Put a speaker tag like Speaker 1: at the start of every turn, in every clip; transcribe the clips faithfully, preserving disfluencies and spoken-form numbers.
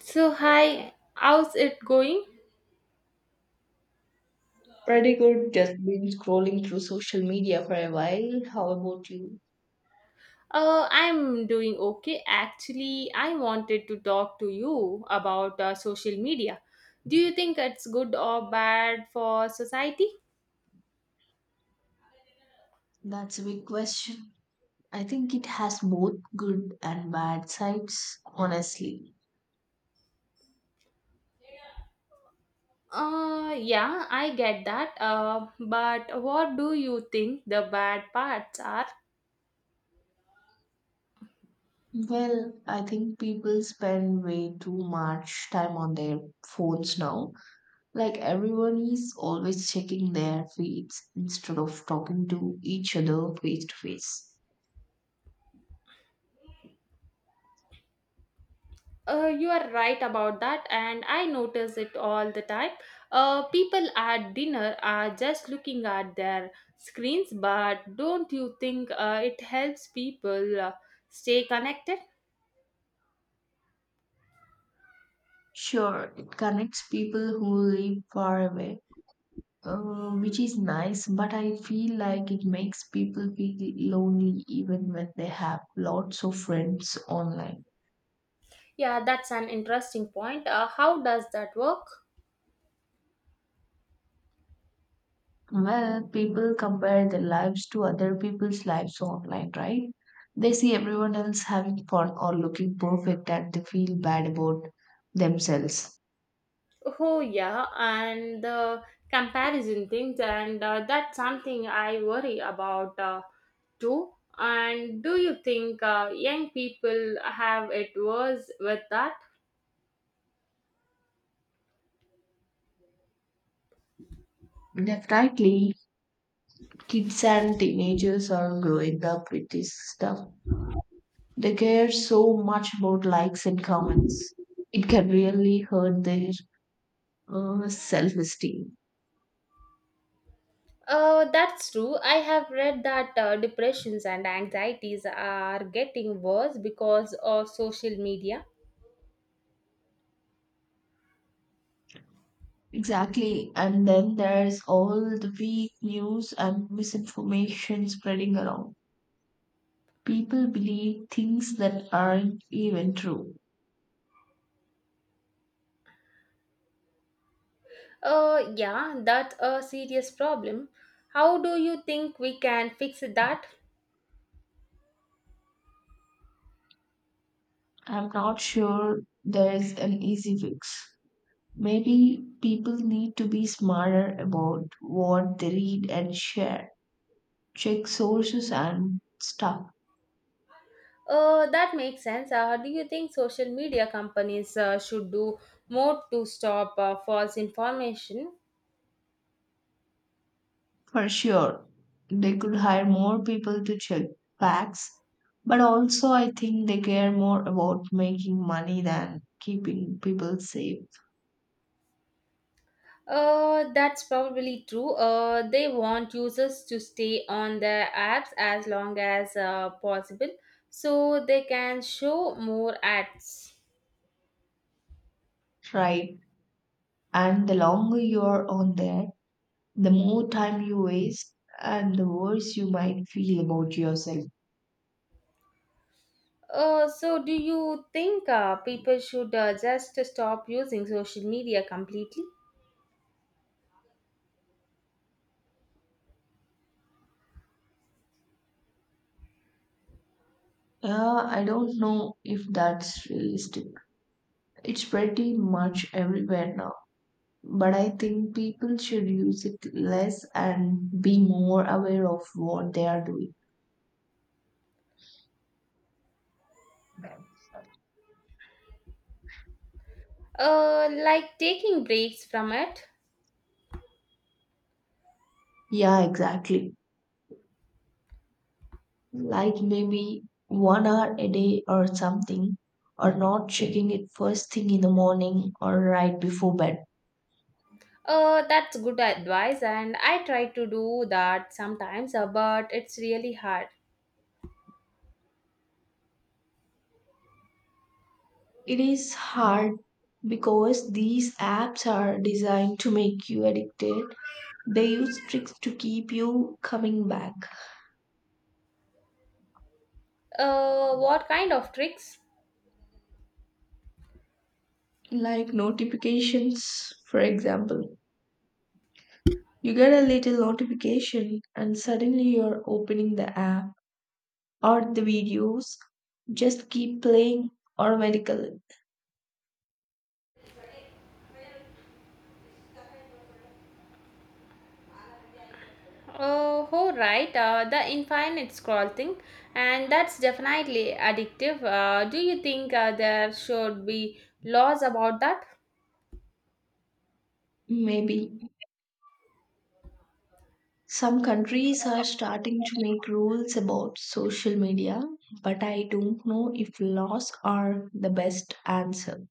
Speaker 1: So, hi, how's it going?
Speaker 2: Pretty good. Just been scrolling through social media for a while. How about you?
Speaker 1: Uh, I'm doing okay. Actually, I wanted to talk to you about uh, social media. Do you think it's good or bad for society?
Speaker 2: That's a big question. I think it has both good and bad sides, honestly.
Speaker 1: Uh, yeah, I get that. Uh, but what do you think the bad parts are?
Speaker 2: Well, I think people spend way too much time on their phones now. Like, everyone is always checking their feeds instead of talking to each other face to face.
Speaker 1: Uh, you are right about that, and I notice it all the time. Uh, people at dinner are just looking at their screens, but don't you think uh, it helps people uh, stay connected?
Speaker 2: Sure, it connects people who live far away, uh, which is nice, but I feel like it makes people feel lonely even when they have lots of friends online.
Speaker 1: Yeah, that's an interesting point. Uh, how does that work?
Speaker 2: Well, people compare their lives to other people's lives online, right? They see everyone else having fun or looking perfect and they feel bad about themselves.
Speaker 1: Oh, yeah, and the comparison things, and uh, that's something I worry about uh, too. And do you think uh, young people have it worse with that?
Speaker 2: Definitely, kids and teenagers are growing up with this stuff. They care so much about likes and comments. It can really hurt their uh, self-esteem.
Speaker 1: Uh, that's true. I have read that uh, depressions and anxieties are getting worse because of social media.
Speaker 2: Exactly. And then there's all the fake news and misinformation spreading around. People believe things that aren't even true.
Speaker 1: Uh, yeah, that's a serious problem. How do you think we can fix that?
Speaker 2: I'm not sure there's an easy fix. Maybe people need to be smarter about what they read and share. Check sources and stuff.
Speaker 1: Uh, that makes sense. Uh, do you think social media companies uh, should do more to stop uh, false information?
Speaker 2: For sure, they could hire more people to check facts, but also I think they care more about making money than keeping people safe,
Speaker 1: Uh, that's probably true. Uh, they want users to stay on their apps as long as uh, possible so they can show more ads.
Speaker 2: right? And the longer you're on there, the more time you waste and the worse you might feel about yourself.
Speaker 1: Uh, so, do you think uh, people should uh, just stop using social media completely?
Speaker 2: Yeah, I don't know if that's realistic. It's pretty much everywhere now. But I think people should use it less and be more aware of what they are doing.
Speaker 1: Uh, like taking breaks from it?
Speaker 2: Yeah, exactly. Like, maybe one hour a day or something, or not checking it first thing in the morning or right before bed.
Speaker 1: Uh, that's good advice, and I try to do that sometimes, uh, but it's really hard.
Speaker 2: It is hard because these apps are designed to make you addicted. They use tricks to keep you coming back.
Speaker 1: Uh, what kind of tricks?
Speaker 2: Like notifications, for example. You get a little notification and suddenly you're opening the app, or the videos just keep playing automatically.
Speaker 1: Oh, oh, right. Uh, the infinite scroll thing, and that's definitely addictive. Uh, do you think uh, there should be laws about that?
Speaker 2: Maybe some countries are starting to make rules about social media, but I don't know if laws are the best answer.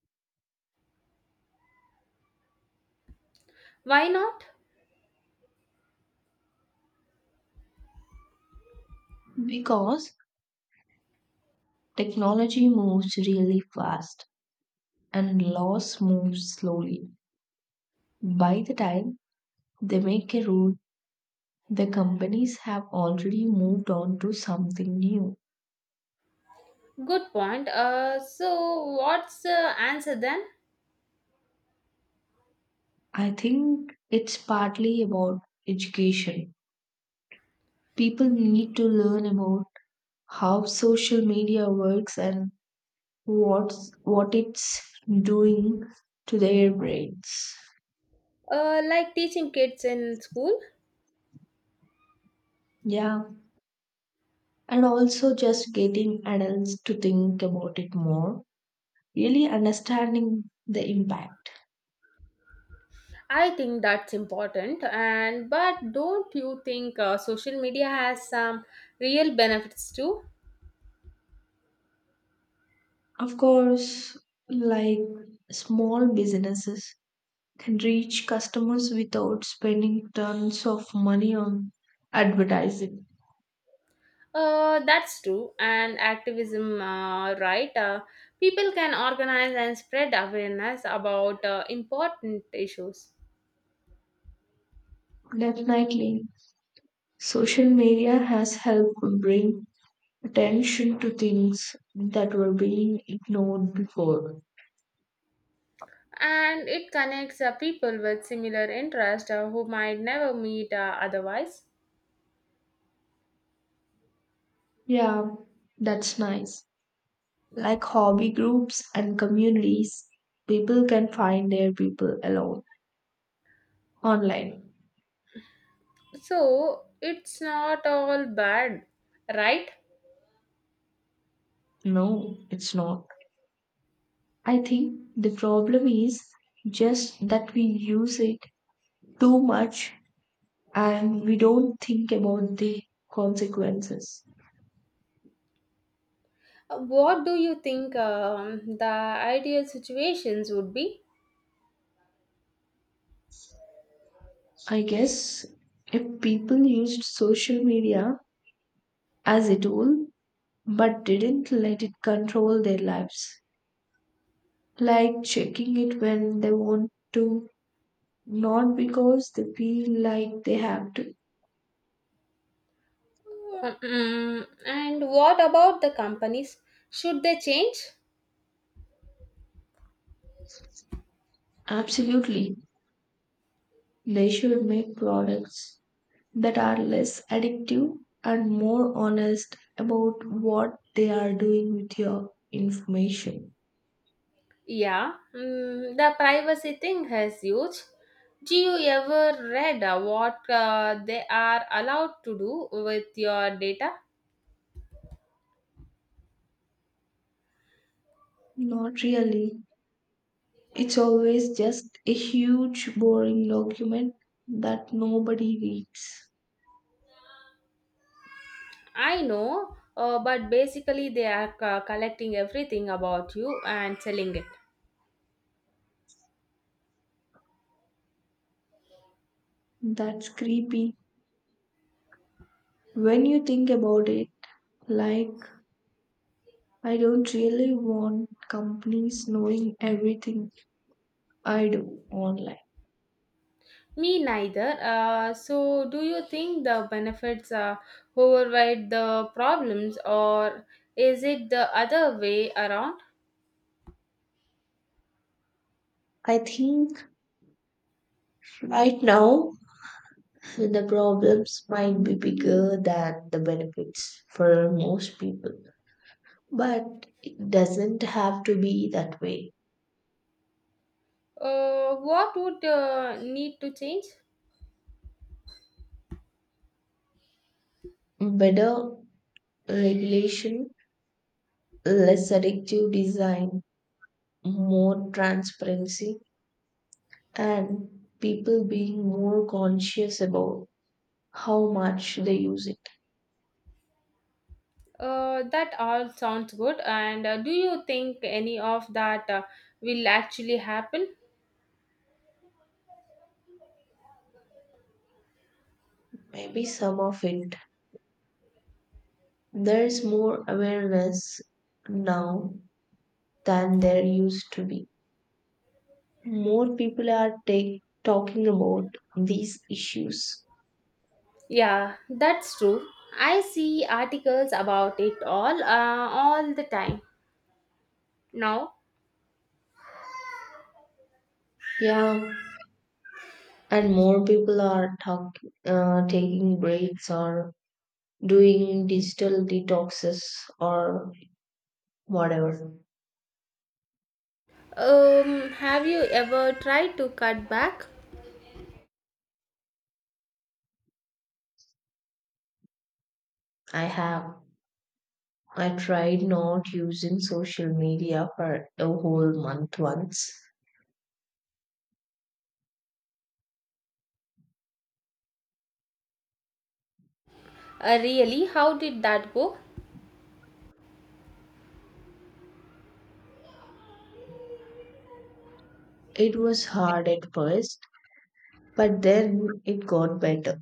Speaker 1: Why not?
Speaker 2: Because technology moves really fast and laws move slowly. By the time they make a rule, the companies have already moved on to something new.
Speaker 1: Good point. Uh, so what's the answer then?
Speaker 2: I think it's partly about education. People need to learn about how social media works and what's what it's doing to their brains.
Speaker 1: Uh, like teaching kids in school,
Speaker 2: Yeah, and also just getting adults to think about it more, really understanding the impact.
Speaker 1: I think that's important. And but don't you think uh, social media has some real benefits too?
Speaker 2: Of course, like, small businesses can reach customers without spending tons of money on advertising.
Speaker 1: Uh, that's true. And activism, uh, right? Uh, people can organize and spread awareness about uh, important issues.
Speaker 2: Definitely, social media has helped bring attention to things that were being ignored before.
Speaker 1: And it connects uh, people with similar interests uh, who might never meet uh, otherwise.
Speaker 2: Yeah, that's nice. Like hobby groups and communities, people can find their people alone online.
Speaker 1: So it's not all bad, right?
Speaker 2: No, it's not. I think the problem is just that we use it too much and we don't think about the consequences.
Speaker 1: Uh, What do you think um, the ideal situations would be?
Speaker 2: I guess if people used social media as a tool but didn't let it control their lives, like checking it when they want to, not because they feel like they have to.
Speaker 1: Mm, and what about the companies? Should they change?
Speaker 2: Absolutely, they should make products that are less addictive and more honest about what they are doing with your information.
Speaker 1: Yeah, mm, the privacy thing has huge. Do you ever read uh, what uh, they are allowed to do with your data?
Speaker 2: Not really. It's always just a huge, boring document that nobody reads.
Speaker 1: I know, uh, but basically they are c- collecting everything about you and selling it.
Speaker 2: That's creepy. When you think about it, like, I don't really want companies knowing everything I do online.
Speaker 1: Me neither. Uh, so, do you think the benefits uh, override the problems, or is it the other way around?
Speaker 2: I think right now the problems might be bigger than the benefits for most people, but it doesn't have to be that way.
Speaker 1: Uh, what would uh, need to change?
Speaker 2: Better regulation, less addictive design, more transparency, and people being more conscious about how much they use it.
Speaker 1: Uh, that all sounds good. And uh, do you think any of that uh, will actually happen?
Speaker 2: Maybe some of it. There is more awareness now than there used to be. More people are take, talking about these issues.
Speaker 1: Yeah, that's true. I see articles about it all uh, all the time now.
Speaker 2: Yeah, and more people are talk, uh, taking breaks or doing digital detoxes or whatever.
Speaker 1: Um, have you ever tried to cut back?
Speaker 2: I have. I tried not using social media for a whole month once.
Speaker 1: Uh, really? How did that go?
Speaker 2: It was hard at first, but then it got better.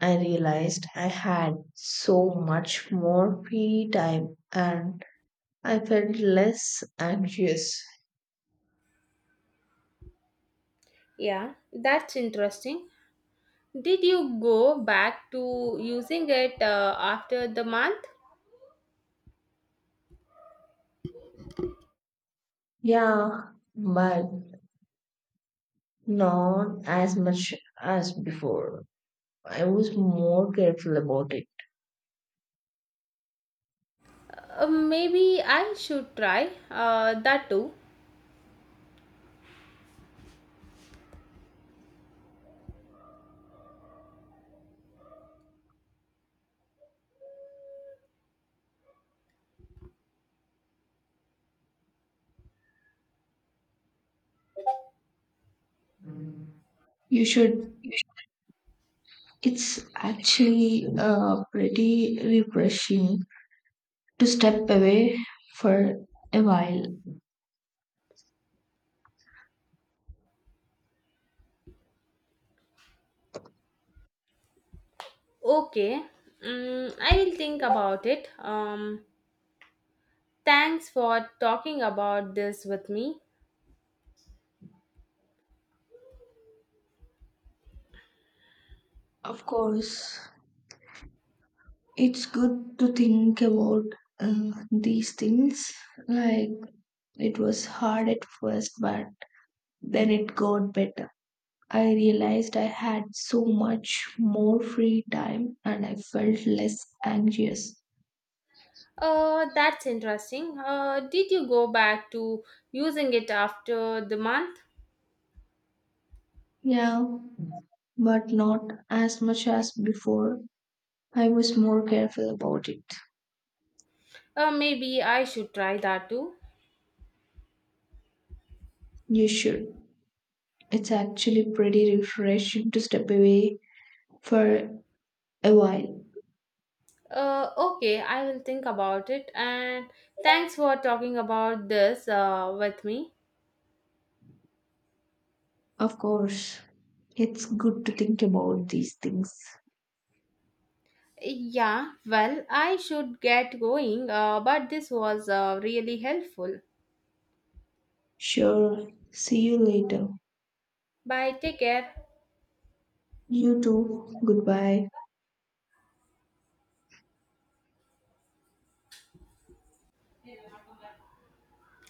Speaker 2: I realized I had so much more free time and I felt less anxious.
Speaker 1: Yeah, that's interesting. Did you go back to using it uh, after the month?
Speaker 2: Yeah, but not as much as before. I was more careful about it.
Speaker 1: Uh, maybe I should try uh, that too.
Speaker 2: You should. It's actually uh, pretty refreshing to step away for a while.
Speaker 1: Okay, mm, I will think about it. Um, thanks for talking about this with me.
Speaker 2: Of course, it's good to think about uh, these things. Like, it was hard at first, but then it got better. I realized I had so much more free time and I felt less anxious.
Speaker 1: Uh, that's interesting. Uh, did you go back to using it after the month?
Speaker 2: Yeah, but not as much as before. I was more careful about it.
Speaker 1: Uh, maybe I should try that too.
Speaker 2: You should. It's actually pretty refreshing to step away for a while.
Speaker 1: Uh, okay, I will think about it. And thanks for talking about this uh, with me.
Speaker 2: Of course, it's good to think about these things.
Speaker 1: Yeah, well, I should get going, uh, but this was uh, really helpful.
Speaker 2: Sure, see you later.
Speaker 1: Bye, take care.
Speaker 2: You too, goodbye.